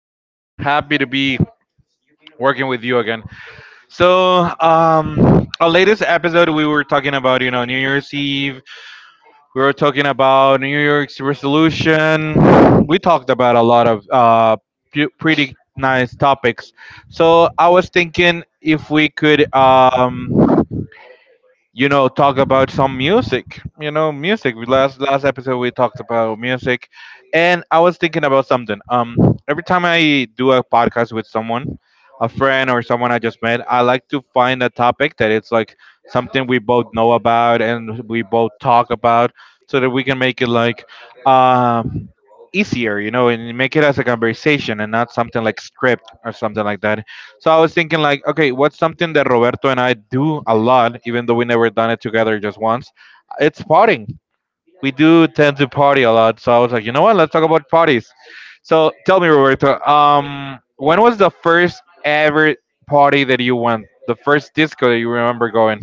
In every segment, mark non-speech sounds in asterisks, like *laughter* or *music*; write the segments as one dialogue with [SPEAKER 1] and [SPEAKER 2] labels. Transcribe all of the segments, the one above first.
[SPEAKER 1] Doing great. Happy to be working with you again. So, our latest episode, we were talking about, New Year's Eve. We were talking about New Year's resolution. We talked about a lot of pretty nice topics. So I was thinking if we could talk about some music, music. Last episode we talked about music, and I was thinking about something. Every time I do a podcast with someone, a friend or someone I just met, I like to find a topic that it's like something we both know about and we both talk about, so that we can make it like, um easier, and make it as a conversation and not something like script or something like that. So I was thinking like, okay, what's something that Roberto and I do a lot, even though we never done it together just once? It's partying. We do tend to party a lot. So I was like, you know what? Let's talk about parties. So tell me, Roberto, when was the first ever party that you went? The first disco that you remember going?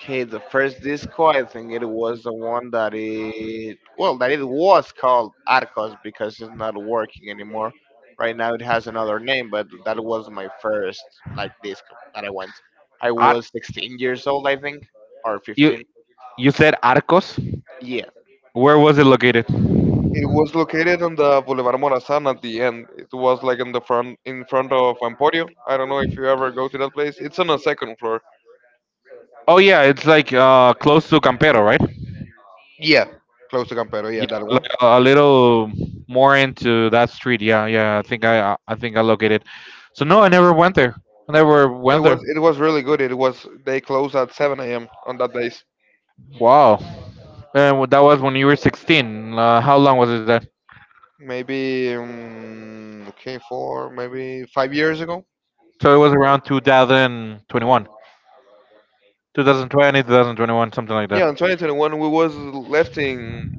[SPEAKER 2] Okay, the first disco, I think it was the one that it well, that it was called Arcos because it's not working anymore. Right now, it has another name, but that was my first like disco that I went. I
[SPEAKER 1] Ar-
[SPEAKER 2] was 16 years old, I think, or
[SPEAKER 1] you
[SPEAKER 2] 15.
[SPEAKER 1] you said Arcos.
[SPEAKER 2] Yeah,
[SPEAKER 1] Where was it located?
[SPEAKER 2] it was located on the Boulevard Morazan at the end. It was like in the front, in front of Emporio. I don't know if you ever go to that place. It's on the second floor.
[SPEAKER 1] Oh yeah, it's like close to Campero, right?
[SPEAKER 2] Yeah, close to Campero.
[SPEAKER 1] Yeah,
[SPEAKER 2] Yeah, that
[SPEAKER 1] like a little more into that street. Yeah, yeah. I think I think I located. So no, I never went there. I never
[SPEAKER 2] It
[SPEAKER 1] went
[SPEAKER 2] was
[SPEAKER 1] there.
[SPEAKER 2] it was really good. It was They closed at 7 a.m. on that days.
[SPEAKER 1] Wow. And that was when you were 16. How long was it that?
[SPEAKER 2] Maybe okay, 4, maybe 5 years ago.
[SPEAKER 1] So it was around 2021, thousand twenty-one, 2020, 2021, something like that.
[SPEAKER 2] Yeah, in 2021 we was lifting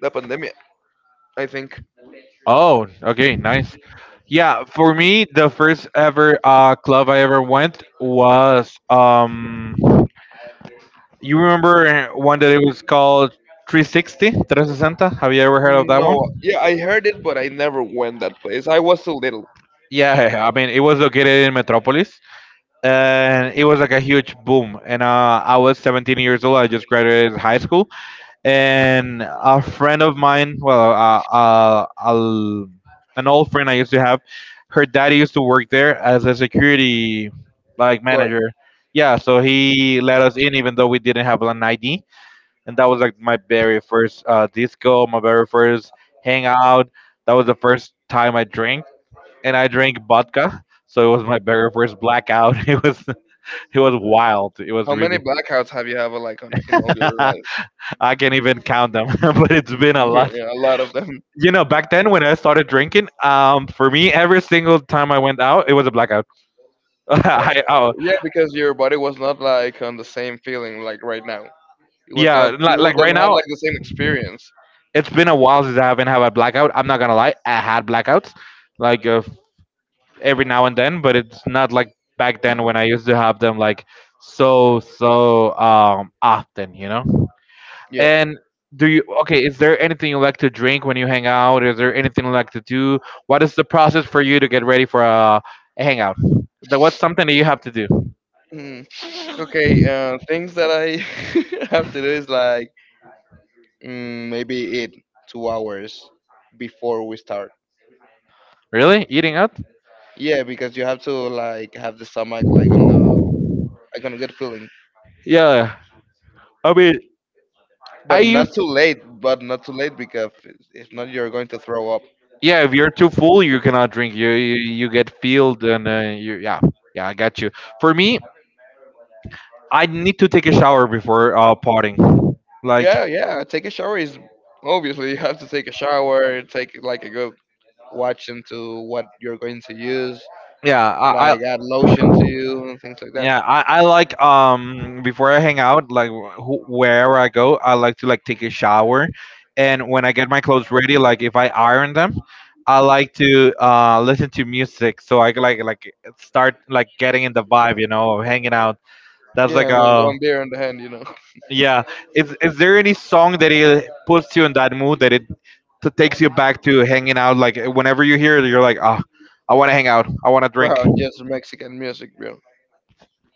[SPEAKER 2] the pandemic. I think.
[SPEAKER 1] Oh, okay, nice. Yeah, for me, the first ever club I ever went was You remember one that it was called 360, 360? Have you ever heard of that one?
[SPEAKER 2] No, yeah, I heard it, but I never went that place. I was too little.
[SPEAKER 1] Yeah, *laughs* I mean, it was located in Metropolis, and it was like a huge boom. And I was 17 years old. I just graduated high school, and a friend of mine, well, an old friend I used to have, her daddy used to work there as a security like
[SPEAKER 2] Gord,
[SPEAKER 1] manager. Yeah, so he let us in even though we didn't have an ID, and that was like my very first disco, my very first hangout. That was the first time I drank and I drank vodka. So it was my very first blackout. *laughs* It was wild. It was
[SPEAKER 2] how many
[SPEAKER 1] really
[SPEAKER 2] blackouts have you have like on in all your life?
[SPEAKER 1] *laughs* I can't even count them, *laughs* but it's been a
[SPEAKER 2] *laughs*
[SPEAKER 1] lot.
[SPEAKER 2] Yeah, a lot of them. *laughs*
[SPEAKER 1] You know, back then when I started drinking, for me every single time I went out, it was a blackout. *laughs*
[SPEAKER 2] Uh,
[SPEAKER 1] I, oh,
[SPEAKER 2] yeah, because your body was not like on the same feeling like right now. It was
[SPEAKER 1] yeah,
[SPEAKER 2] not.
[SPEAKER 1] like,
[SPEAKER 2] You
[SPEAKER 1] like
[SPEAKER 2] don't
[SPEAKER 1] right
[SPEAKER 2] have
[SPEAKER 1] now,
[SPEAKER 2] like the same experience.
[SPEAKER 1] it's been a while since I haven't had a blackout. I'm not gonna lie, I had blackouts like every now and then, but it's not like back then when I used to have them like often, you know.
[SPEAKER 2] Yeah.
[SPEAKER 1] And do you okay, is there anything you like to drink when you hang out? Is there anything you like to do? What is the process for you to get ready for a hangout? What's something that you have to do?
[SPEAKER 2] Mm. Okay. Things that I *laughs* have to do is like maybe eat 2 hours before we start.
[SPEAKER 1] Really? Eating out?
[SPEAKER 2] Yeah, because you have to like have the stomach like on the like on a good feeling,
[SPEAKER 1] Yeah. I mean, I
[SPEAKER 2] but not
[SPEAKER 1] used
[SPEAKER 2] too late. But not too late because if not, you're going to throw up.
[SPEAKER 1] yeah, if you're too full, you cannot drink. You get filled and you yeah. Yeah, I got you. For me, I need to take a shower before partying. Like
[SPEAKER 2] Yeah, yeah. Take a shower is obviously *laughs* you have to take a shower. Take like a good watch into what you're going to use.
[SPEAKER 1] yeah, I
[SPEAKER 2] Like add lotion to you and things like that.
[SPEAKER 1] Yeah, I like before I hang out, like wherever I go, I like to take a shower, and when I get my clothes ready, like if I iron them, I like to listen to music so I can start getting in the vibe, of hanging out. That's like
[SPEAKER 2] Yeah, and with
[SPEAKER 1] a
[SPEAKER 2] one beer in the hand,
[SPEAKER 1] yeah. Is there any song that it puts you in that mood that it takes you back to hanging out? Like whenever you hear it, you're like, ah, I want to hang out, I want to
[SPEAKER 2] *laughs*
[SPEAKER 1] drink.
[SPEAKER 2] bro, just Mexican music, bro.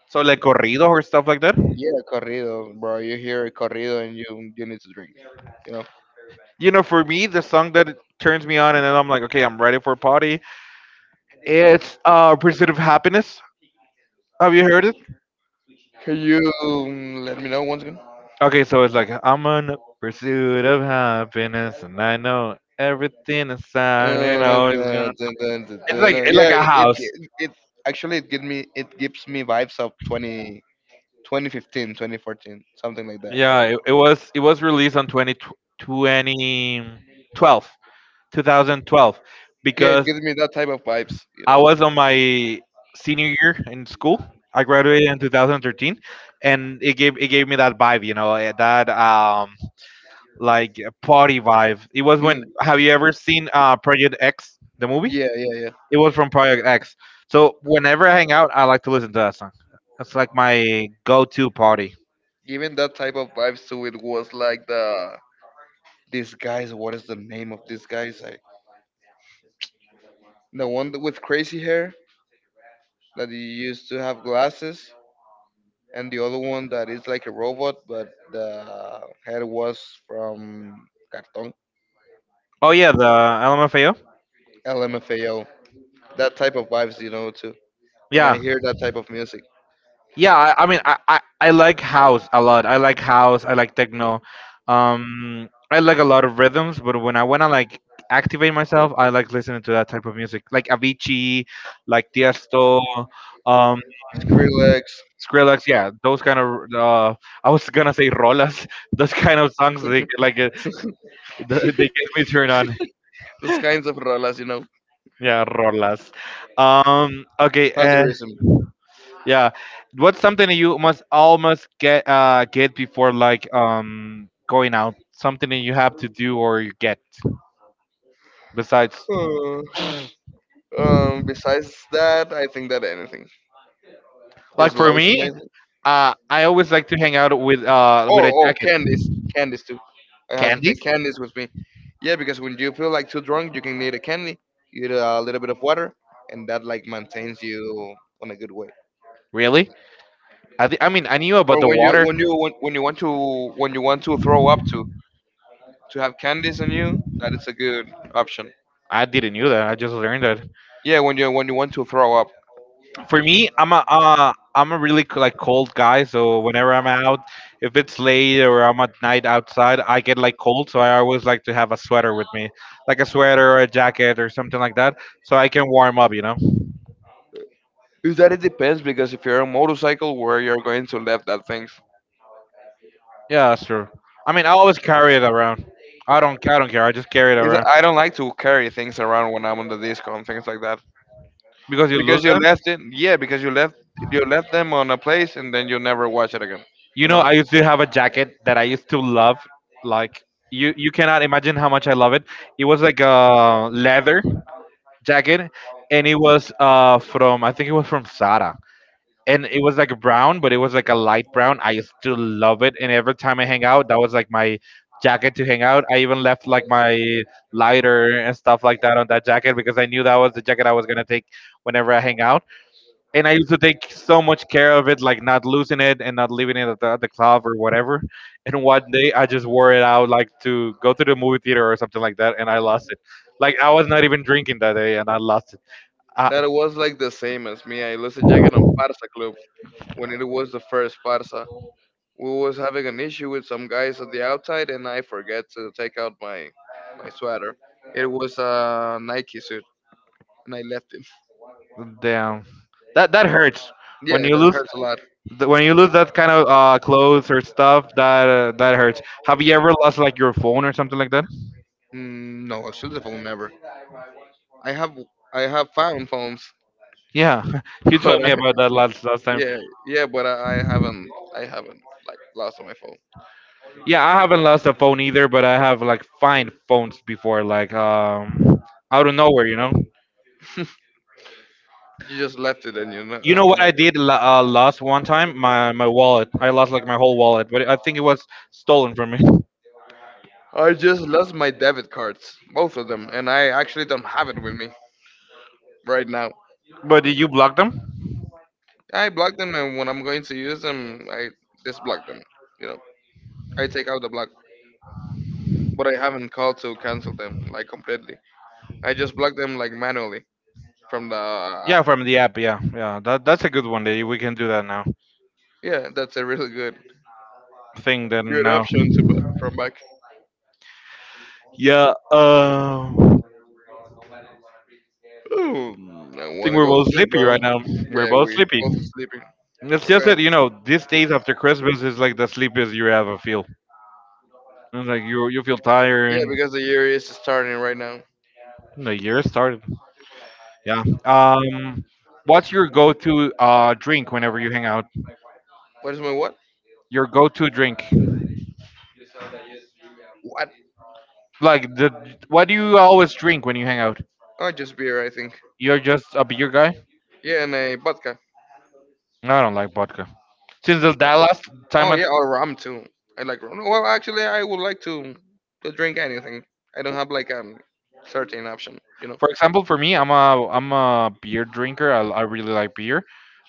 [SPEAKER 1] So like corridos or stuff like that.
[SPEAKER 2] Yeah, corrido, bro. You hear a corrido and you need to drink, you know.
[SPEAKER 1] You know, for me, the song that it turns me on and then I'm like, okay, I'm ready for a party. It's Pursuit of Happiness. Have you heard it?
[SPEAKER 2] Can you let me know once again?
[SPEAKER 1] Okay, so it's like I'm on a pursuit of happiness and I know everything inside,
[SPEAKER 2] And then,
[SPEAKER 1] it's gonna
[SPEAKER 2] dun, dun, dun,
[SPEAKER 1] it's
[SPEAKER 2] dun,
[SPEAKER 1] like
[SPEAKER 2] yeah,
[SPEAKER 1] a house.
[SPEAKER 2] actually, it gives me vibes of 20 2015 2014 something like that.
[SPEAKER 1] Yeah, it was released on twenty twenty twelve 2012,
[SPEAKER 2] Yeah, it
[SPEAKER 1] because
[SPEAKER 2] gives me that type of vibes, you
[SPEAKER 1] I
[SPEAKER 2] know.
[SPEAKER 1] was on my senior year in school. I graduated in 2013, and it gave me that vibe, that like party vibe. It was when
[SPEAKER 2] Hmm.
[SPEAKER 1] have you ever seen Project X, the movie?
[SPEAKER 2] Yeah, yeah, yeah.
[SPEAKER 1] It was from Project X. So whenever I hang out, I like to listen to that song. That's like my go-to party.
[SPEAKER 2] Given that type of vibes, so it was like these guys, what is the name of these guys? I, the one that- with crazy hair that he used to have glasses, and the other one that is like a robot, but the head was from Cartón,
[SPEAKER 1] Oh yeah, the LMFAO.
[SPEAKER 2] LMFAO. That type of vibes, too. When I
[SPEAKER 1] Yeah,
[SPEAKER 2] hear that type of music,
[SPEAKER 1] yeah I mean I like house a lot. I like techno, I like a lot of rhythms, but when I want to like activate myself I like listening to that type of music, like Avicii, like Tiesto, um
[SPEAKER 2] Skrillex,
[SPEAKER 1] Skrillex. Yeah, those kind of uh I was gonna say rolas. *laughs* Those kind of songs they like,
[SPEAKER 2] *laughs*
[SPEAKER 1] *laughs* they get me turned on.
[SPEAKER 2] those kinds of rolas,
[SPEAKER 1] Yeah, rolas. Okay.
[SPEAKER 2] Thunderism.
[SPEAKER 1] Yeah, what's something that you must almost get before like going out? Something that you have to do or you get besides.
[SPEAKER 2] Oh. Besides that, I think that anything. Just
[SPEAKER 1] Like for me,
[SPEAKER 2] lotion, I think.
[SPEAKER 1] I always like to hang out with
[SPEAKER 2] Or
[SPEAKER 1] a
[SPEAKER 2] oh,
[SPEAKER 1] jacket.
[SPEAKER 2] candies, candies too. I have to take
[SPEAKER 1] Candies?
[SPEAKER 2] candies with me. Yeah, because when you feel like too drunk, you can need a candy, you need a little bit of water, and that like maintains you on a good way.
[SPEAKER 1] Really? I mean I knew about
[SPEAKER 2] Or
[SPEAKER 1] the water.
[SPEAKER 2] when you want to throw up to have candies on you, that is a good option.
[SPEAKER 1] I didn't knew that. I just learned.
[SPEAKER 2] Yeah, when you want to throw up.
[SPEAKER 1] For me, I'm a really like cold guy. So whenever I'm out, if it's late or I'm at night outside, I get like cold. So I always like to have a sweater with me, like a sweater or a jacket or something like that, so I can warm up. You know?
[SPEAKER 2] Is that it depends because if you're on a motorcycle, where you're going to left that things.
[SPEAKER 1] Yeah, that's true. I mean, I always carry it around. I don't care. I just carry it
[SPEAKER 2] It's, like,
[SPEAKER 1] around
[SPEAKER 2] I don't like to carry things around when I'm on the disco and things like that,
[SPEAKER 1] because you lose
[SPEAKER 2] because you
[SPEAKER 1] them.
[SPEAKER 2] left it. Yeah, because you left them on a place and then you never watch it again.
[SPEAKER 1] You
[SPEAKER 2] You
[SPEAKER 1] know,
[SPEAKER 2] know
[SPEAKER 1] I used to have a jacket that I used to love. Like you cannot imagine how much I love it. It was like a leather jacket, and it was from I think it was from Zara, and it was like brown, but it was like a light brown. I still love it, and every time I hang out, that was like my jacket to hang out. I even left like my lighter and stuff like that on that jacket because I knew that was the jacket I was gonna take whenever I hang out, and I used to take so much care of it, like not losing it and not leaving it at at the club or whatever. And one day I just wore it out like to go to the movie theater or something like that, and I lost it. Like I was not even drinking that day, and I lost uh,
[SPEAKER 2] that it was like the same as me. I lost a jacket on Parsa Club when it was the first Parsa. We was having an issue with some guys at the outside, and I forget to take out my sweater. It was a Nike suit, and I left it. *laughs*
[SPEAKER 1] damn, that hurts when
[SPEAKER 2] Yeah,
[SPEAKER 1] you
[SPEAKER 2] that
[SPEAKER 1] lose
[SPEAKER 2] hurts a lot.
[SPEAKER 1] when you lose that kind of clothes or stuff. That hurts. Have you ever lost like your phone or something like that?
[SPEAKER 2] Mm, no, a silver phone never. I have I have found phones,
[SPEAKER 1] Yeah, *laughs* you
[SPEAKER 2] *laughs*
[SPEAKER 1] told
[SPEAKER 2] but
[SPEAKER 1] me
[SPEAKER 2] I
[SPEAKER 1] about that last time.
[SPEAKER 2] yeah, yeah, but I haven't like lost my phone.
[SPEAKER 1] Yeah, I haven't lost a phone either, but I have like find phones before, like out of nowhere, you know.
[SPEAKER 2] *laughs* You just left it and you have
[SPEAKER 1] You know
[SPEAKER 2] never.
[SPEAKER 1] what I did last one time? My wallet. I lost like my whole wallet, but I think it was stolen from me. *laughs*
[SPEAKER 2] I just lost my debit cards, both of them, and I actually don't have it with me right now.
[SPEAKER 1] But did you block them?
[SPEAKER 2] I block them, and when I'm going to use them, I disblock them. You know, I take out the block, but I haven't called to cancel them like completely. I just block them like manually from the app.
[SPEAKER 1] Yeah, from the app. Yeah, yeah. That that's a good one. That we can do that now.
[SPEAKER 2] Yeah, that's a really good
[SPEAKER 1] Thing then
[SPEAKER 2] good
[SPEAKER 1] now.
[SPEAKER 2] option to put from back.
[SPEAKER 1] Yeah. I
[SPEAKER 2] Ooh, I
[SPEAKER 1] think
[SPEAKER 2] wanna
[SPEAKER 1] we're
[SPEAKER 2] go
[SPEAKER 1] both
[SPEAKER 2] sleep,
[SPEAKER 1] sleepy
[SPEAKER 2] bro.
[SPEAKER 1] right now. We're
[SPEAKER 2] Yeah,
[SPEAKER 1] both
[SPEAKER 2] we
[SPEAKER 1] sleepy.
[SPEAKER 2] both sleeping.
[SPEAKER 1] It's
[SPEAKER 2] We're
[SPEAKER 1] just
[SPEAKER 2] going.
[SPEAKER 1] that you know these days after Christmas is like the sleepiest you ever feel. It's like you feel tired.
[SPEAKER 2] Yeah, because the year is starting right now.
[SPEAKER 1] The year started. Yeah. What's your go-to drink whenever you hang out?
[SPEAKER 2] What is my what?
[SPEAKER 1] Your go-to drink.
[SPEAKER 2] What?
[SPEAKER 1] Like the what do you always drink when you hang out?
[SPEAKER 2] Oh, just beer, I think.
[SPEAKER 1] You're just a beer guy.
[SPEAKER 2] Yeah, and a vodka.
[SPEAKER 1] No, I don't like vodka. Since the that last time
[SPEAKER 2] Oh
[SPEAKER 1] I
[SPEAKER 2] yeah, or rum too. I like rum. Well, actually, I would like to drink anything. I don't have like a certain option.
[SPEAKER 1] For example, for me, I'm a beer drinker. I really like beer,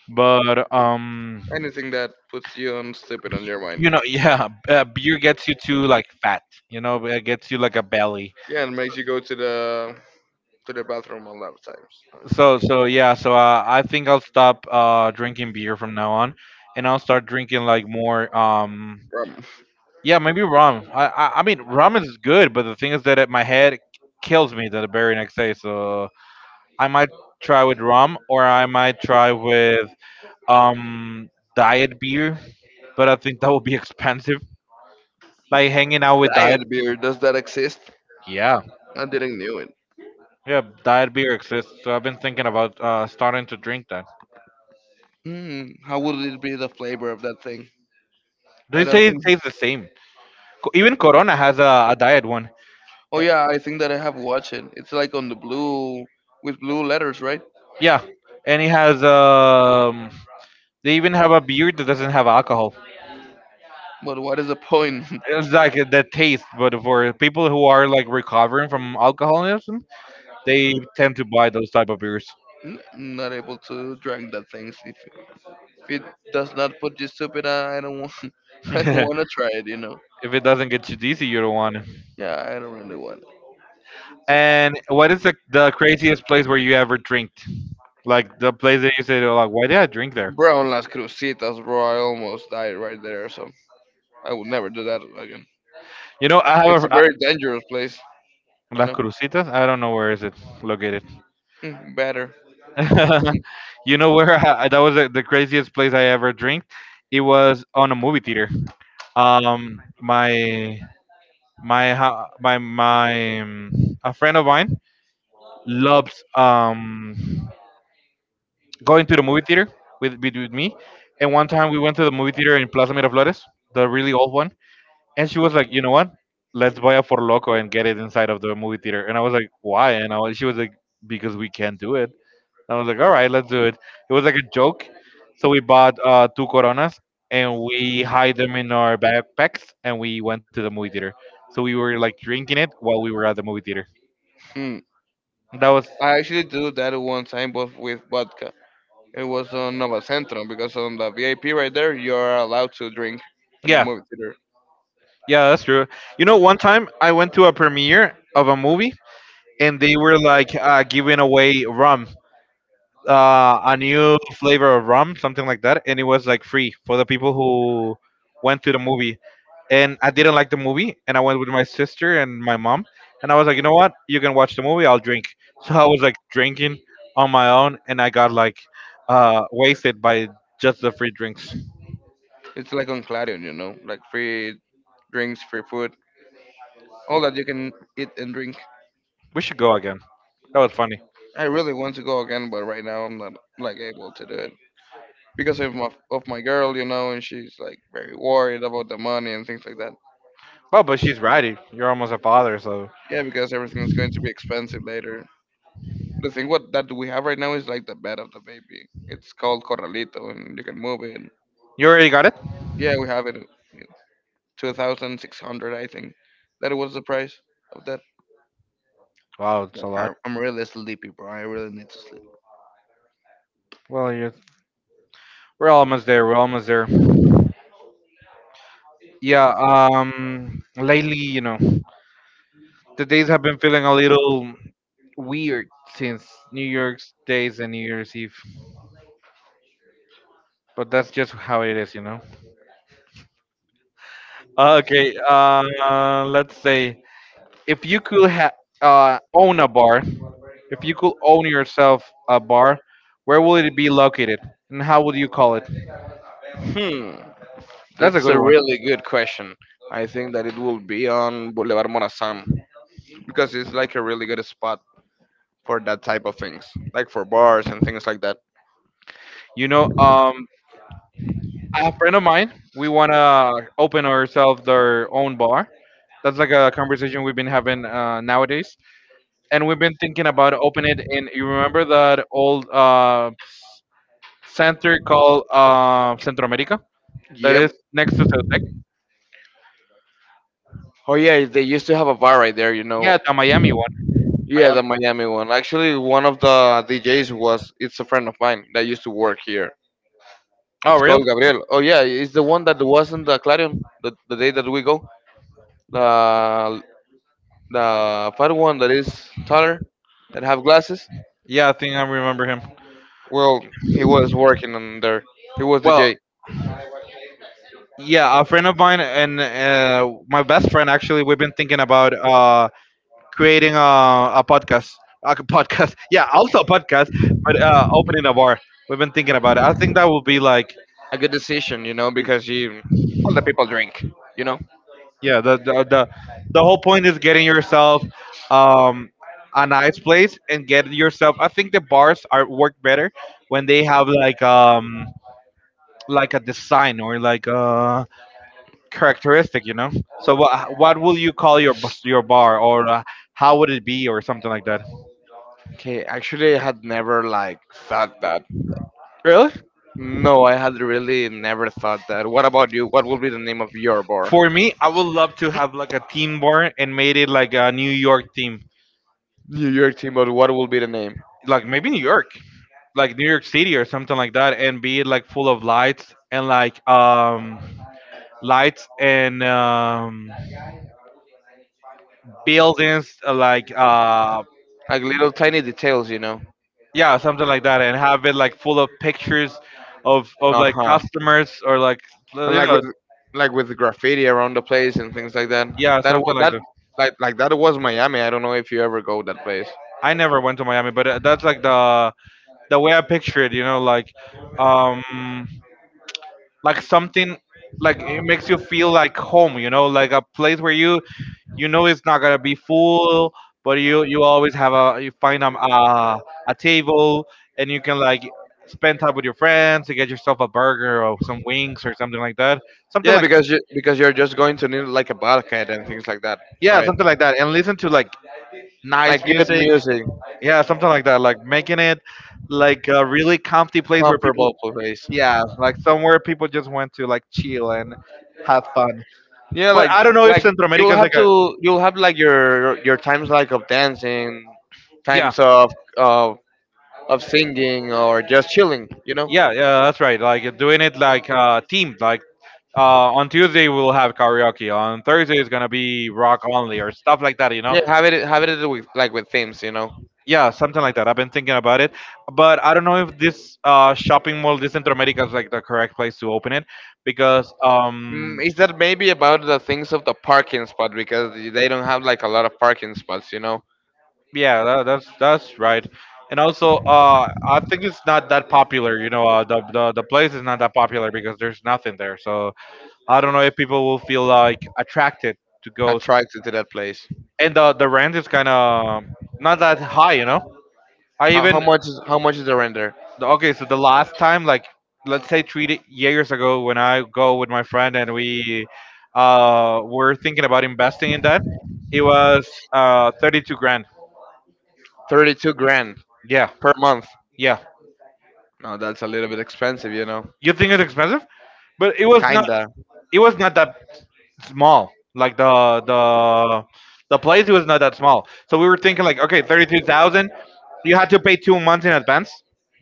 [SPEAKER 1] but
[SPEAKER 2] Anything that puts you on sleeping on your mind.
[SPEAKER 1] you know, *laughs* yeah, beer gets you to like fat. You know, it gets you like a belly.
[SPEAKER 2] Yeah, and makes you go to the bathroom a lot of times.
[SPEAKER 1] Yeah, so I think I'll stop drinking beer from now on, and I'll start drinking like more
[SPEAKER 2] Um,
[SPEAKER 1] yeah maybe rum. I mean rum is good, but the thing is that my head kills me the very next day. So I might try with rum, or I might try with um diet beer, but I think that would be *laughs* expensive. Like hanging out with diet.
[SPEAKER 2] Diet beer, does that exist?
[SPEAKER 1] Yeah,
[SPEAKER 2] I didn't knew it.
[SPEAKER 1] yeah, diet beer exists, so I've been thinking about starting to drink that.
[SPEAKER 2] Mm, how would it be the flavor of that thing? I
[SPEAKER 1] They
[SPEAKER 2] don't
[SPEAKER 1] say it
[SPEAKER 2] think.
[SPEAKER 1] tastes the same. Even Corona has a diet one.
[SPEAKER 2] Oh
[SPEAKER 1] Eh,
[SPEAKER 2] yeah, I think that I have watched it. It's like on the blue with blue letters, right?
[SPEAKER 1] Yeah, and it has. They even have a beer that doesn't have alcohol.
[SPEAKER 2] But what is the point?
[SPEAKER 1] It's like the taste, but for people who are like recovering from alcoholism, they tend to buy those type of beers.
[SPEAKER 2] *laughs* Not able to drink that thing. If it does not put you stupid, I don't want.
[SPEAKER 1] *laughs*
[SPEAKER 2] *laughs* I don't
[SPEAKER 1] If
[SPEAKER 2] want to try it. You know.
[SPEAKER 1] it doesn't get you dizzy, you don't want it.
[SPEAKER 2] Yeah, I don't really want.
[SPEAKER 1] And what is the craziest place where you ever drank? Like the place that you say, they're like, why did I drink there?
[SPEAKER 2] Bro, on Las Cruzitas, bro, I almost died right there, so I would never do that again.
[SPEAKER 1] You know, I have
[SPEAKER 2] It's a
[SPEAKER 1] a, I,
[SPEAKER 2] very dangerous place, you
[SPEAKER 1] Las
[SPEAKER 2] know.
[SPEAKER 1] Cruzitas. I don't know where is it located.
[SPEAKER 2] Mm, better.
[SPEAKER 1] *laughs*
[SPEAKER 2] *laughs*
[SPEAKER 1] That was the craziest place I ever drank. It was on a movie theater. My my ho- my a friend of mine loves going to the movie theater with me. And one time we went to the movie theater in Plaza Miraflores, the really old one. And she was like, you know what? Let's buy a For Loco and get it inside of the movie theater. And I was like, why? She was like, because we can't do it. And I was like, all right, let's do it. It was like a joke. So we bought two Coronas, and we hide them in our backpacks and we went to the movie theater. So we were like drinking it while we were at the movie theater.
[SPEAKER 2] Hmm.
[SPEAKER 1] That was,
[SPEAKER 2] I actually do that one time, but with vodka. It was on Nova Centro because on the VIP right there, you're allowed to drink in the
[SPEAKER 1] yeah,
[SPEAKER 2] movie theater.
[SPEAKER 1] yeah, that's true. You know, one time I went to a premiere of a movie and they were like giving away rum, a new flavor of rum, something like that, and it was like free for the people who went to the movie. And I didn't like the movie, and I went with my sister and my mom, and I was like, you know what? You can watch the movie. I'll drink. *laughs* So I was like drinking on my own, and I got like wasted by just the free drinks.
[SPEAKER 2] It's like on Clarion, like free drinks, free food, all that you can eat and drink.
[SPEAKER 1] We should go again. That was funny.
[SPEAKER 2] I really want to go again, but right now I'm not like able to do it. Because of my girl, and she's like very worried about the money and things like that.
[SPEAKER 1] Well, but she's right. You're almost a father, so
[SPEAKER 2] Yeah, because everything is going to be expensive later. The thing what that we have right now is like the bed of the baby. It's called Corralito, and you can move it.
[SPEAKER 1] you already got it.
[SPEAKER 2] Yeah, we have it. 2,600, I think. That was the price of that.
[SPEAKER 1] Wow, it's
[SPEAKER 2] Yeah,
[SPEAKER 1] a lot.
[SPEAKER 2] I'm really sleepy, bro. I really need to sleep.
[SPEAKER 1] Well, you we're almost there. We're almost there. Yeah, lately, the days have been feeling a little weird since New York's days and New Year's Eve, but that's just how it is. Okay, let's say if you could ha own a bar, if you could own yourself a bar, where would it be located, and how would you call it?
[SPEAKER 2] Hmm,
[SPEAKER 1] That's a
[SPEAKER 2] that's
[SPEAKER 1] good
[SPEAKER 2] a
[SPEAKER 1] one.
[SPEAKER 2] really good question. I think that it will be on Boulevard Morazan. Because it's like a really good spot for that type of things, like for bars and things like that.
[SPEAKER 1] You know, a friend of mine, we wanna open ourselves our own bar. That's like a conversation we've been having nowadays, and we've been thinking about open it in. You remember that old center called Centro America that is
[SPEAKER 2] Yep.
[SPEAKER 1] next to Ceutec?
[SPEAKER 2] Oh yeah, they used to have a bar right there.
[SPEAKER 1] Yeah, the Miami one.
[SPEAKER 2] Yeah,
[SPEAKER 1] Miami.
[SPEAKER 2] the Miami one. Actually, one of the DJs was it's a friend of mine that used to work here.
[SPEAKER 1] Oh,
[SPEAKER 2] It's called
[SPEAKER 1] really?
[SPEAKER 2] Gabriel. Oh yeah, it's the one that was in the Clarion the day that we go. The the fat one that is taller that have glasses.
[SPEAKER 1] Yeah, I think I remember him.
[SPEAKER 2] Well, he was working on there. He was
[SPEAKER 1] Well,
[SPEAKER 2] DJ.
[SPEAKER 1] yeah, a friend of mine and my best friend actually, we've been thinking about creating a podcast. A podcast, *laughs* yeah, also a podcast, but opening a bar. We've been thinking about it. I think that will be like.
[SPEAKER 2] A good decision, you know, because he all the people drink, you know.
[SPEAKER 1] Yeah, the whole point is getting yourself um a nice place and get yourself. I think the bars are work better when they have like like a design or like a characteristic. So what will you call your your bar, or how would it be or something like that?
[SPEAKER 2] Okay, actually, I had never like thought that.
[SPEAKER 1] Really?
[SPEAKER 2] No, I had really never thought that. What about you? What will be the name of your bar?
[SPEAKER 1] For me, I would love to have like a team bar and made it like a New York team,
[SPEAKER 2] New York team, but what will be the name?
[SPEAKER 1] like maybe New York. Like New York City or something like that, and be like full of lights and like lights and buildings, like
[SPEAKER 2] Like little tiny details.
[SPEAKER 1] yeah, something like that, and have it like full of pictures of
[SPEAKER 2] Uh
[SPEAKER 1] like
[SPEAKER 2] huh.
[SPEAKER 1] customers or like, you
[SPEAKER 2] And like
[SPEAKER 1] know
[SPEAKER 2] with like with graffiti around the place and things like that.
[SPEAKER 1] yeah,
[SPEAKER 2] That
[SPEAKER 1] something
[SPEAKER 2] wa-
[SPEAKER 1] like
[SPEAKER 2] that
[SPEAKER 1] that.
[SPEAKER 2] like that was Miami. I don't know if you ever go that place.
[SPEAKER 1] I never went to Miami, but that's like the way I picture it, you know, um like something, like it makes you feel like home, you know, like a place where you know, it's not gonna be full, but you always have a you find a table, and you can like spend time with your friends to get yourself a burger or some wings or something like that, something
[SPEAKER 2] Yeah,
[SPEAKER 1] like that.
[SPEAKER 2] because you're just going to need like a bulkhead and things like that,
[SPEAKER 1] Yeah,
[SPEAKER 2] right?
[SPEAKER 1] something like that, and listen to like
[SPEAKER 2] Like
[SPEAKER 1] nice
[SPEAKER 2] good
[SPEAKER 1] music.
[SPEAKER 2] music,
[SPEAKER 1] Yeah, something like that, like making it like a really comfy place where
[SPEAKER 2] comfortable
[SPEAKER 1] people.
[SPEAKER 2] place.
[SPEAKER 1] Yeah, like somewhere people just went to like chill and have fun.
[SPEAKER 2] Yeah,
[SPEAKER 1] But
[SPEAKER 2] like
[SPEAKER 1] I don't know if
[SPEAKER 2] like
[SPEAKER 1] Centro America is like a.
[SPEAKER 2] you'll have like your times like of dancing,
[SPEAKER 1] Yeah,
[SPEAKER 2] times of of singing or just chilling.
[SPEAKER 1] yeah, yeah. That's right. Like doing it like team, like. On Tuesday we'll have karaoke. On Thursday it's gonna be rock only or stuff like that. You know,
[SPEAKER 2] Yeah, have it with like with themes.
[SPEAKER 1] yeah, something like that. I've been thinking about it, but I don't know if this shopping mall, this Centroamérica, is like the correct place to open it because.
[SPEAKER 2] Mm, is that maybe about the things of the parking spot because they don't have like a lot of parking spots,
[SPEAKER 1] Yeah, that's right. And also, I think it's not that popular. You know, the place is not that popular because there's nothing there. So I don't know if people will feel like attracted to go.
[SPEAKER 2] attracted to that place.
[SPEAKER 1] And the rent is kind of not that high. You know, I
[SPEAKER 2] How how
[SPEAKER 1] even.
[SPEAKER 2] much is how much is the rent there?
[SPEAKER 1] Okay, so the last time, like let's say three years ago, when I go with my friend and we were thinking about investing in that, it was 32 grand.
[SPEAKER 2] 32 grand
[SPEAKER 1] Yeah,
[SPEAKER 2] per month.
[SPEAKER 1] yeah.
[SPEAKER 2] No, that's a little bit expensive.
[SPEAKER 1] You think it's expensive, but it was not.
[SPEAKER 2] Kinda.
[SPEAKER 1] It was not that small. Like the place, it was not that small. So we were thinking like, okay, 32,000. You had to pay 2 months in advance.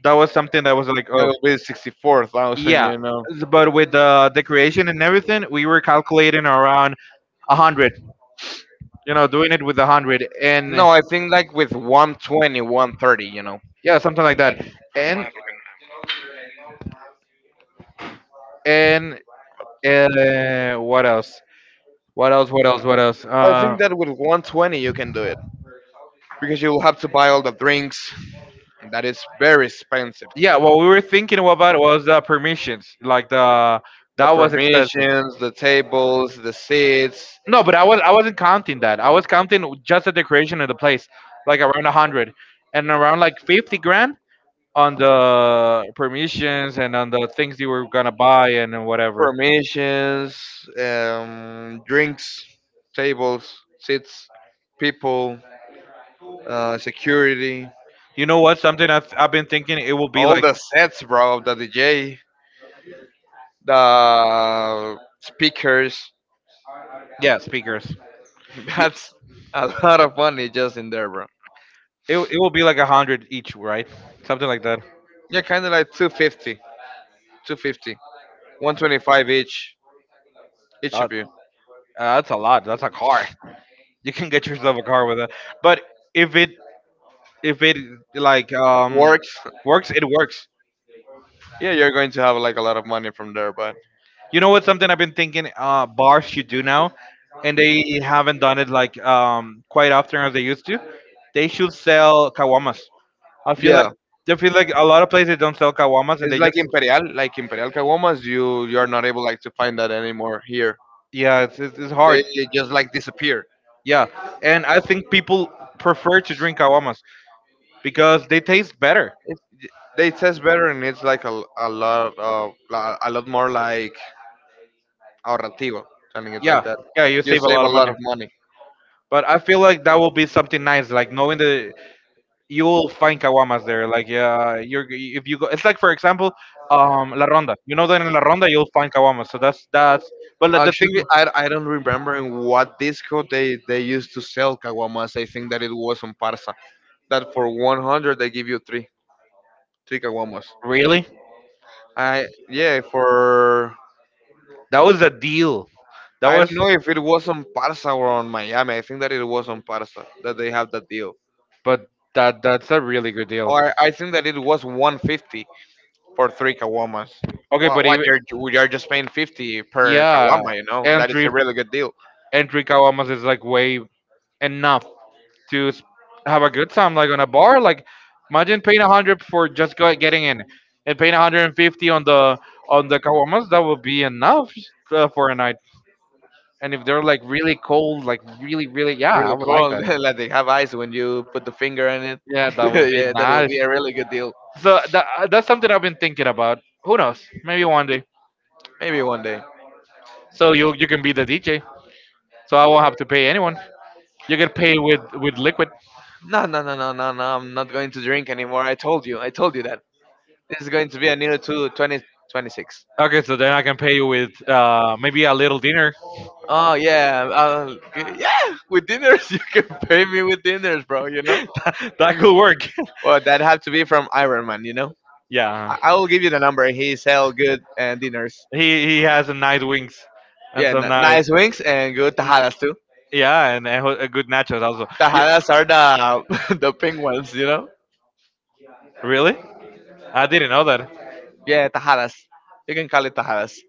[SPEAKER 1] That was something that was like,
[SPEAKER 2] That
[SPEAKER 1] oh,
[SPEAKER 2] would be 64,000,
[SPEAKER 1] yeah.
[SPEAKER 2] you know.
[SPEAKER 1] But with the creation and everything, we were calculating around 100. You know, doing it with 100, and
[SPEAKER 2] No, I think like with 120, one thirty.
[SPEAKER 1] yeah, something like that. And and what else? What else? What else? What else?
[SPEAKER 2] I
[SPEAKER 1] Uh,
[SPEAKER 2] think that with 120 you can do it because you will have to buy all the drinks. That is very expensive.
[SPEAKER 1] yeah, what we were thinking about was permissions. Like the
[SPEAKER 2] The
[SPEAKER 1] that was expensive.
[SPEAKER 2] permissions, the tables, the seats,
[SPEAKER 1] No, but I wasn't counting that. I was counting just the decoration of the place, like around 100, and around like 50 grand on the permissions and on the things you were gonna buy and whatever.
[SPEAKER 2] permissions, drinks, tables, seats, people, security,
[SPEAKER 1] You know what? Something I've been thinking it will be
[SPEAKER 2] all
[SPEAKER 1] like.
[SPEAKER 2] the sets, bro, the DJ, the speakers,
[SPEAKER 1] Yeah, speakers.
[SPEAKER 2] *laughs*
[SPEAKER 1] You,
[SPEAKER 2] That's a lot of money just in there, bro.
[SPEAKER 1] it will be like 100 each, right? Something like that.
[SPEAKER 2] Yeah, kind of like 250, 250, 125 each,
[SPEAKER 1] Uh,
[SPEAKER 2] each of you.
[SPEAKER 1] uh, that's a lot. That's a car. You can get yourself a car with that. But if it if it like um
[SPEAKER 2] Works.
[SPEAKER 1] works, it works.
[SPEAKER 2] Yeah, you're going to have like a lot of money from there, but
[SPEAKER 1] You know what? Something I've been thinking bars should do now, and they haven't done it like quite often as they used to. They should sell kawamas. I feel like
[SPEAKER 2] yeah,
[SPEAKER 1] I feel like a lot of places don't sell kawamas, and
[SPEAKER 2] it's
[SPEAKER 1] they just.
[SPEAKER 2] Like Imperial Caguamas. You are not able like to find that anymore here.
[SPEAKER 1] Yeah, it's hard.
[SPEAKER 2] They just like disappear.
[SPEAKER 1] Yeah, and I think people prefer to drink aguamas because they taste better.
[SPEAKER 2] It's, they taste better, and it's like a lot of a lot more like or Rentivo, something
[SPEAKER 1] Yeah,
[SPEAKER 2] like that.
[SPEAKER 1] yeah, you
[SPEAKER 2] You
[SPEAKER 1] save a
[SPEAKER 2] save
[SPEAKER 1] lot
[SPEAKER 2] a
[SPEAKER 1] of
[SPEAKER 2] lot
[SPEAKER 1] money.
[SPEAKER 2] of money.
[SPEAKER 1] But I feel like that will be something nice, like knowing that you will find caguamas there. Like, yeah, you're if you go, it's like for example, La Ronda. You know that in La Ronda you'll find caguamas. So that's. But like, the thing,
[SPEAKER 2] Actually, I don't remember in what disco they used to sell caguamas. I think that it was on Parsa. That for 100 they give you three caguamas.
[SPEAKER 1] really,
[SPEAKER 2] I, yeah, for.
[SPEAKER 1] that was a deal. That
[SPEAKER 2] I don't
[SPEAKER 1] was,
[SPEAKER 2] know if it was on Parsa or on Miami. I think that it was on Parsa that they have that deal.
[SPEAKER 1] but that's a really good deal.
[SPEAKER 2] Or I think that it was 150 for three caguamas.
[SPEAKER 1] Okay,
[SPEAKER 2] Wha-
[SPEAKER 1] but
[SPEAKER 2] What
[SPEAKER 1] even,
[SPEAKER 2] you're just paying 50 per
[SPEAKER 1] yeah,
[SPEAKER 2] caguama, you know? That is
[SPEAKER 1] entry
[SPEAKER 2] a really good deal.
[SPEAKER 1] entry caguamas is like way enough to have a good time, like on a bar. Like imagine paying 100 for just go, getting in, and paying 150 on the kawamas. That would be enough for a night. And if they're like really cold, like really, really, yeah, I
[SPEAKER 2] Really
[SPEAKER 1] would like
[SPEAKER 2] cool.
[SPEAKER 1] that.
[SPEAKER 2] *laughs* Like they have eyes when you put the finger in it.
[SPEAKER 1] Yeah, that would
[SPEAKER 2] *laughs*
[SPEAKER 1] be
[SPEAKER 2] Yeah, that will
[SPEAKER 1] nice.
[SPEAKER 2] be a really good deal.
[SPEAKER 1] So that's something I've been thinking about. Who knows? Maybe one day.
[SPEAKER 2] Maybe one day.
[SPEAKER 1] So you can be the DJ. So I won't have to pay anyone. You can pay with liquid.
[SPEAKER 2] No, no, no, no, no, no. I'm not going to drink anymore. I told you. I told you that. This is going to be a new to 20, 26.
[SPEAKER 1] Okay, so then I can pay you with maybe a little dinner.
[SPEAKER 2] Oh yeah, yeah. With dinners, *laughs* you can pay me with dinners, bro. You know.
[SPEAKER 1] *laughs* That could work. *laughs*
[SPEAKER 2] Well, that have to be from Iron Man. You know.
[SPEAKER 1] Yeah.
[SPEAKER 2] I will give you the number. He sell good dinners.
[SPEAKER 1] He has a nice wings and
[SPEAKER 2] Yeah,
[SPEAKER 1] some nice,
[SPEAKER 2] nice wings and good
[SPEAKER 1] n-
[SPEAKER 2] tajadas too.
[SPEAKER 1] yeah, and a good nachos also. You,
[SPEAKER 2] Tajadas are the *laughs* the pink ones, you know.
[SPEAKER 1] really? I didn't know that.
[SPEAKER 2] Yeah, tajadas. You can call it tajadas.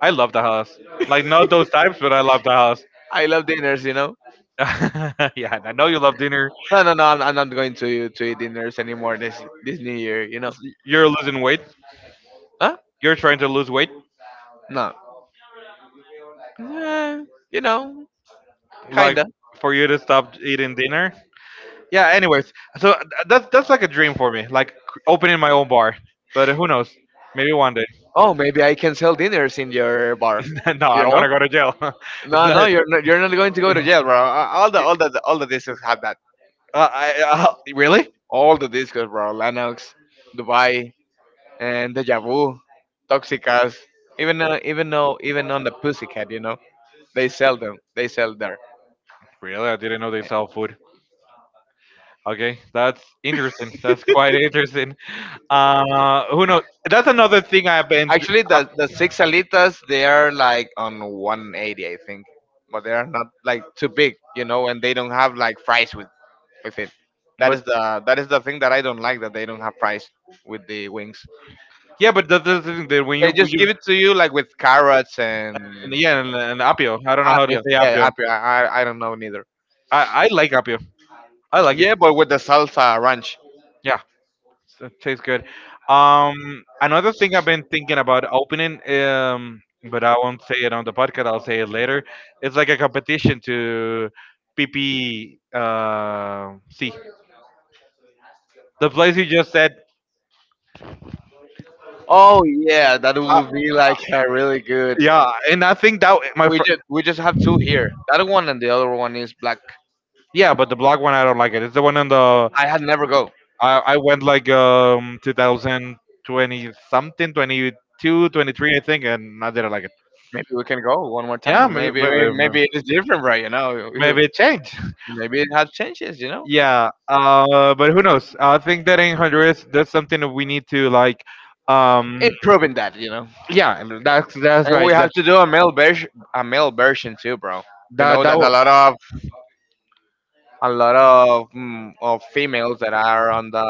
[SPEAKER 1] I love Tejas. Like not those types, but I love Tejas.
[SPEAKER 2] I love dinners, you know.
[SPEAKER 1] *laughs* Yeah, I know you love dinner.
[SPEAKER 2] No, no, no. I'm not going to eat dinners anymore this New Year, you know.
[SPEAKER 1] You're losing weight.
[SPEAKER 2] Huh?
[SPEAKER 1] You're trying to lose weight.
[SPEAKER 2] No. Eh, you know,
[SPEAKER 1] Like
[SPEAKER 2] kinda.
[SPEAKER 1] for you to stop eating dinner. Yeah. Anyways, so that's like a dream for me, like opening my own bar. But who knows? Maybe one day.
[SPEAKER 2] Oh, maybe I can sell dinners in your bar.
[SPEAKER 1] *laughs* No, I
[SPEAKER 2] You
[SPEAKER 1] don't want
[SPEAKER 2] know?
[SPEAKER 1] to go to jail. *laughs* It's
[SPEAKER 2] No,
[SPEAKER 1] not,
[SPEAKER 2] no, you're not. You're not going to go to jail,
[SPEAKER 1] *laughs*
[SPEAKER 2] bro. All the discos have that.
[SPEAKER 1] *laughs* Really?
[SPEAKER 2] All the discos, bro. Lennox, Dubai, and Deja Vu, Toxicas, even on the Pussycat, you know, they sell them. They sell there.
[SPEAKER 1] Really? I didn't know they sell food. Okay, that's interesting. That's quite interesting. Who knows? That's another thing I've been,
[SPEAKER 2] Actually,
[SPEAKER 1] uh,
[SPEAKER 2] the six alitas they are like on 180, I think, but they are not like too big, you know, and they don't have like fries with it. That
[SPEAKER 1] but
[SPEAKER 2] is the that is the thing that I don't like that they don't have fries with the wings.
[SPEAKER 1] Yeah, but that's the thing that when
[SPEAKER 2] They
[SPEAKER 1] you
[SPEAKER 2] just
[SPEAKER 1] you
[SPEAKER 2] give it to you like with carrots
[SPEAKER 1] and
[SPEAKER 2] and
[SPEAKER 1] yeah and apio, I don't know how to
[SPEAKER 2] apio.
[SPEAKER 1] say
[SPEAKER 2] Yeah,
[SPEAKER 1] apio.
[SPEAKER 2] apio. I don't know neither.
[SPEAKER 1] I like apio. I like it.
[SPEAKER 2] Yeah, but with the salsa ranch.
[SPEAKER 1] Yeah. So it tastes good. Um, Another thing I've been thinking about opening, but I won't say it on the podcast. I'll say it later. It's like a competition to PP. See the place you just said.
[SPEAKER 2] Oh yeah, that
[SPEAKER 1] Uh,
[SPEAKER 2] would be like a really good.
[SPEAKER 1] yeah, and I think that my
[SPEAKER 2] We just we just have two here. That one and the other one is black.
[SPEAKER 1] yeah, but the black one I don't like it. It's the one on the
[SPEAKER 2] I had never go.
[SPEAKER 1] I went like 2020 something 22 23 I think, and I didn't like it.
[SPEAKER 2] Maybe we can go one more
[SPEAKER 1] Yeah,
[SPEAKER 2] time. Maybe it is different, right? You know. *laughs*
[SPEAKER 1] maybe it changed.
[SPEAKER 2] Maybe it has changes. You know,
[SPEAKER 1] Yeah, but who knows? I think that in Honduras, that's something that we need to like. Um,
[SPEAKER 2] improving that. You know,
[SPEAKER 1] yeah, and that's
[SPEAKER 2] and we
[SPEAKER 1] right.
[SPEAKER 2] have to do a male version too, bro. You
[SPEAKER 1] That
[SPEAKER 2] know
[SPEAKER 1] that.
[SPEAKER 2] that a
[SPEAKER 1] will-
[SPEAKER 2] lot of a lot of females that are on the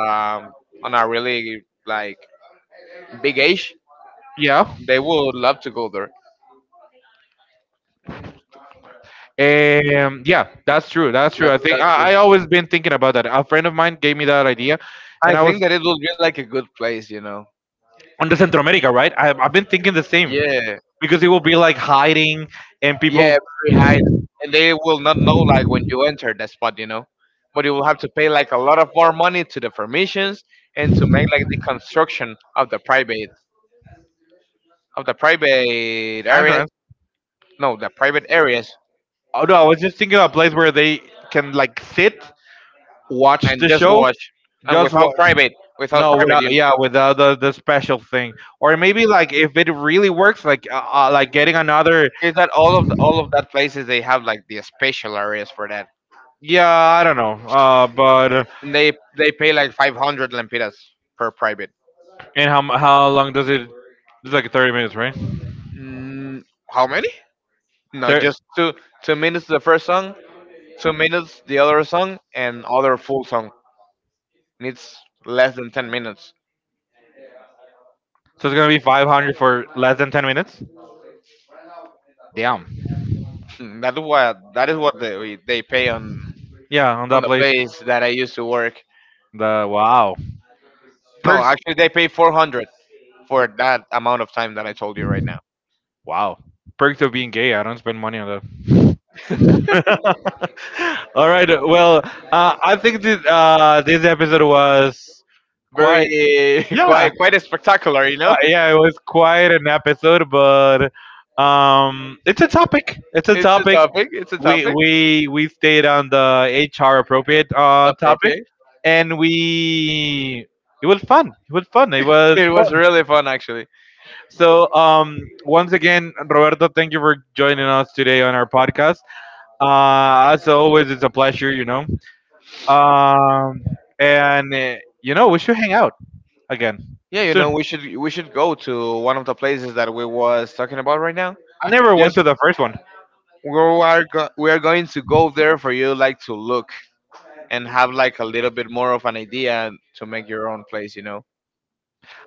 [SPEAKER 2] on a really like big age,
[SPEAKER 1] Yeah,
[SPEAKER 2] they would love to go there.
[SPEAKER 1] yeah, that's true. That's true. I
[SPEAKER 2] That's
[SPEAKER 1] think
[SPEAKER 2] that's. true.
[SPEAKER 1] I always been thinking about that. A friend of mine gave me that idea, and
[SPEAKER 2] I
[SPEAKER 1] I
[SPEAKER 2] think
[SPEAKER 1] was
[SPEAKER 2] that it will be like a good place, you know.
[SPEAKER 1] on the Central America, right? I've been thinking the same
[SPEAKER 2] Yeah,
[SPEAKER 1] because it will be like hiding and
[SPEAKER 2] yeah,
[SPEAKER 1] people
[SPEAKER 2] very high, and they will not know like when you enter that spot, you know. But you will have to pay like a lot of more money to the permissions and to make like the construction of the private areas.
[SPEAKER 1] entrance.
[SPEAKER 2] No, the private areas,
[SPEAKER 1] Oh no, I was just thinking of a place where they can like sit, watch
[SPEAKER 2] and
[SPEAKER 1] the
[SPEAKER 2] just
[SPEAKER 1] show,
[SPEAKER 2] watch and
[SPEAKER 1] just what?
[SPEAKER 2] without
[SPEAKER 1] No,
[SPEAKER 2] private,
[SPEAKER 1] without
[SPEAKER 2] you.
[SPEAKER 1] yeah, without the special thing, or maybe like if it really works, like getting another.
[SPEAKER 2] Is that all of that places they have like the special areas for that,
[SPEAKER 1] Yeah, I don't know. But
[SPEAKER 2] and they pay like 500 lempiras per private.
[SPEAKER 1] And how long does it? It's like 30 minutes, right?
[SPEAKER 2] Mm, how many? No,
[SPEAKER 1] Thir-
[SPEAKER 2] just two. 2 minutes the first song, 2 minutes the other song, and other full song needs less than 10 minutes. *laughs*
[SPEAKER 1] so it's gonna be 500 for less than 10 minutes. Damn.
[SPEAKER 2] Hmm. That is what they pay on
[SPEAKER 1] Yeah, on
[SPEAKER 2] on
[SPEAKER 1] that
[SPEAKER 2] the
[SPEAKER 1] place.
[SPEAKER 2] place that I used to work.
[SPEAKER 1] The wow
[SPEAKER 2] No,
[SPEAKER 1] perks.
[SPEAKER 2] actually they pay 400 for that amount of time that I told you right now.
[SPEAKER 1] Wow perks of being gay. I don't spend money on that. *laughs* All right. Well, I think that this episode was quite
[SPEAKER 2] Very, *laughs*
[SPEAKER 1] yeah,
[SPEAKER 2] quite spectacular, you know. *laughs*
[SPEAKER 1] yeah, it was quite an episode, but it's a topic. It's a
[SPEAKER 2] It's a
[SPEAKER 1] topic.
[SPEAKER 2] topic. It's a
[SPEAKER 1] We
[SPEAKER 2] topic.
[SPEAKER 1] we we stayed on the HR appropriate topic,
[SPEAKER 2] Appropriate.
[SPEAKER 1] and we it was fun. It was fun. It
[SPEAKER 2] *laughs*
[SPEAKER 1] was
[SPEAKER 2] It
[SPEAKER 1] fun.
[SPEAKER 2] was really fun actually.
[SPEAKER 1] So once again, Roberto, thank you for joining us today on our podcast. As always, it's a pleasure. You know, um, you know, we should hang out again
[SPEAKER 2] Yeah, you know,
[SPEAKER 1] soon.
[SPEAKER 2] we should go to one of the places that we was talking about right now.
[SPEAKER 1] I never went
[SPEAKER 2] Just
[SPEAKER 1] to the first one.
[SPEAKER 2] we are going to go there for you like to look and have like a little bit more of an idea to make your own place. You know,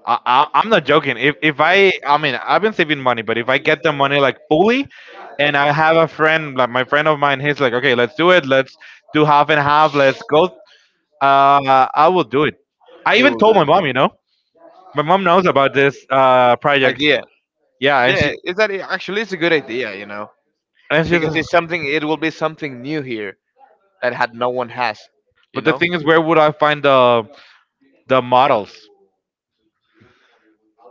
[SPEAKER 1] I'm not joking. If I mean, I've been saving money, but if I get the money like fully, and I have a friend, like my friend of mine, he's like, okay, let's do it. Let's do half and half. Let's go. I will do it. I
[SPEAKER 2] you
[SPEAKER 1] even
[SPEAKER 2] will
[SPEAKER 1] told my
[SPEAKER 2] do
[SPEAKER 1] mom. You know, my mom knows about this project.
[SPEAKER 2] idea.
[SPEAKER 1] Yeah, and
[SPEAKER 2] Yeah, is that actually it's a good idea. You know,
[SPEAKER 1] she's.
[SPEAKER 2] because it will be something new here that had no one has. You
[SPEAKER 1] But the
[SPEAKER 2] know,
[SPEAKER 1] thing is, where would I find the models?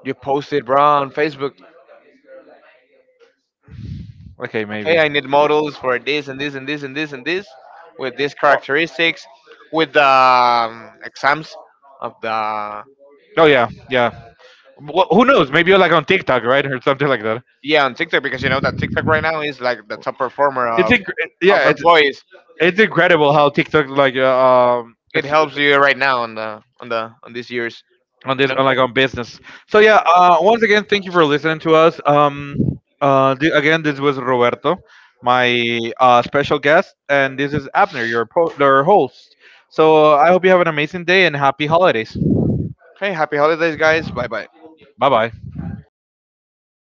[SPEAKER 2] you post it, bro, on Facebook.
[SPEAKER 1] Okay, maybe.
[SPEAKER 2] Okay, I need models for this and this and this and this and this with these
[SPEAKER 1] Or-
[SPEAKER 2] characteristics, with the exams of the
[SPEAKER 1] Oh yeah, yeah. Who knows? Maybe you're like on TikTok, right, or something like that.
[SPEAKER 2] yeah, on TikTok because you know that TikTok right now is like the top performer of of
[SPEAKER 1] Yeah,
[SPEAKER 2] employees.
[SPEAKER 1] it's incredible how TikTok like
[SPEAKER 2] It
[SPEAKER 1] it's
[SPEAKER 2] helps you right now on the on the on these years,
[SPEAKER 1] on
[SPEAKER 2] you
[SPEAKER 1] this
[SPEAKER 2] know.
[SPEAKER 1] on like on business. So yeah, once again, thank you for listening to us. Again, this was Roberto, my special guest, and this is Abner, your your host. So I hope you have an amazing day and happy holidays.
[SPEAKER 2] Okay, happy holidays, guys. Bye bye.
[SPEAKER 1] Bye bye.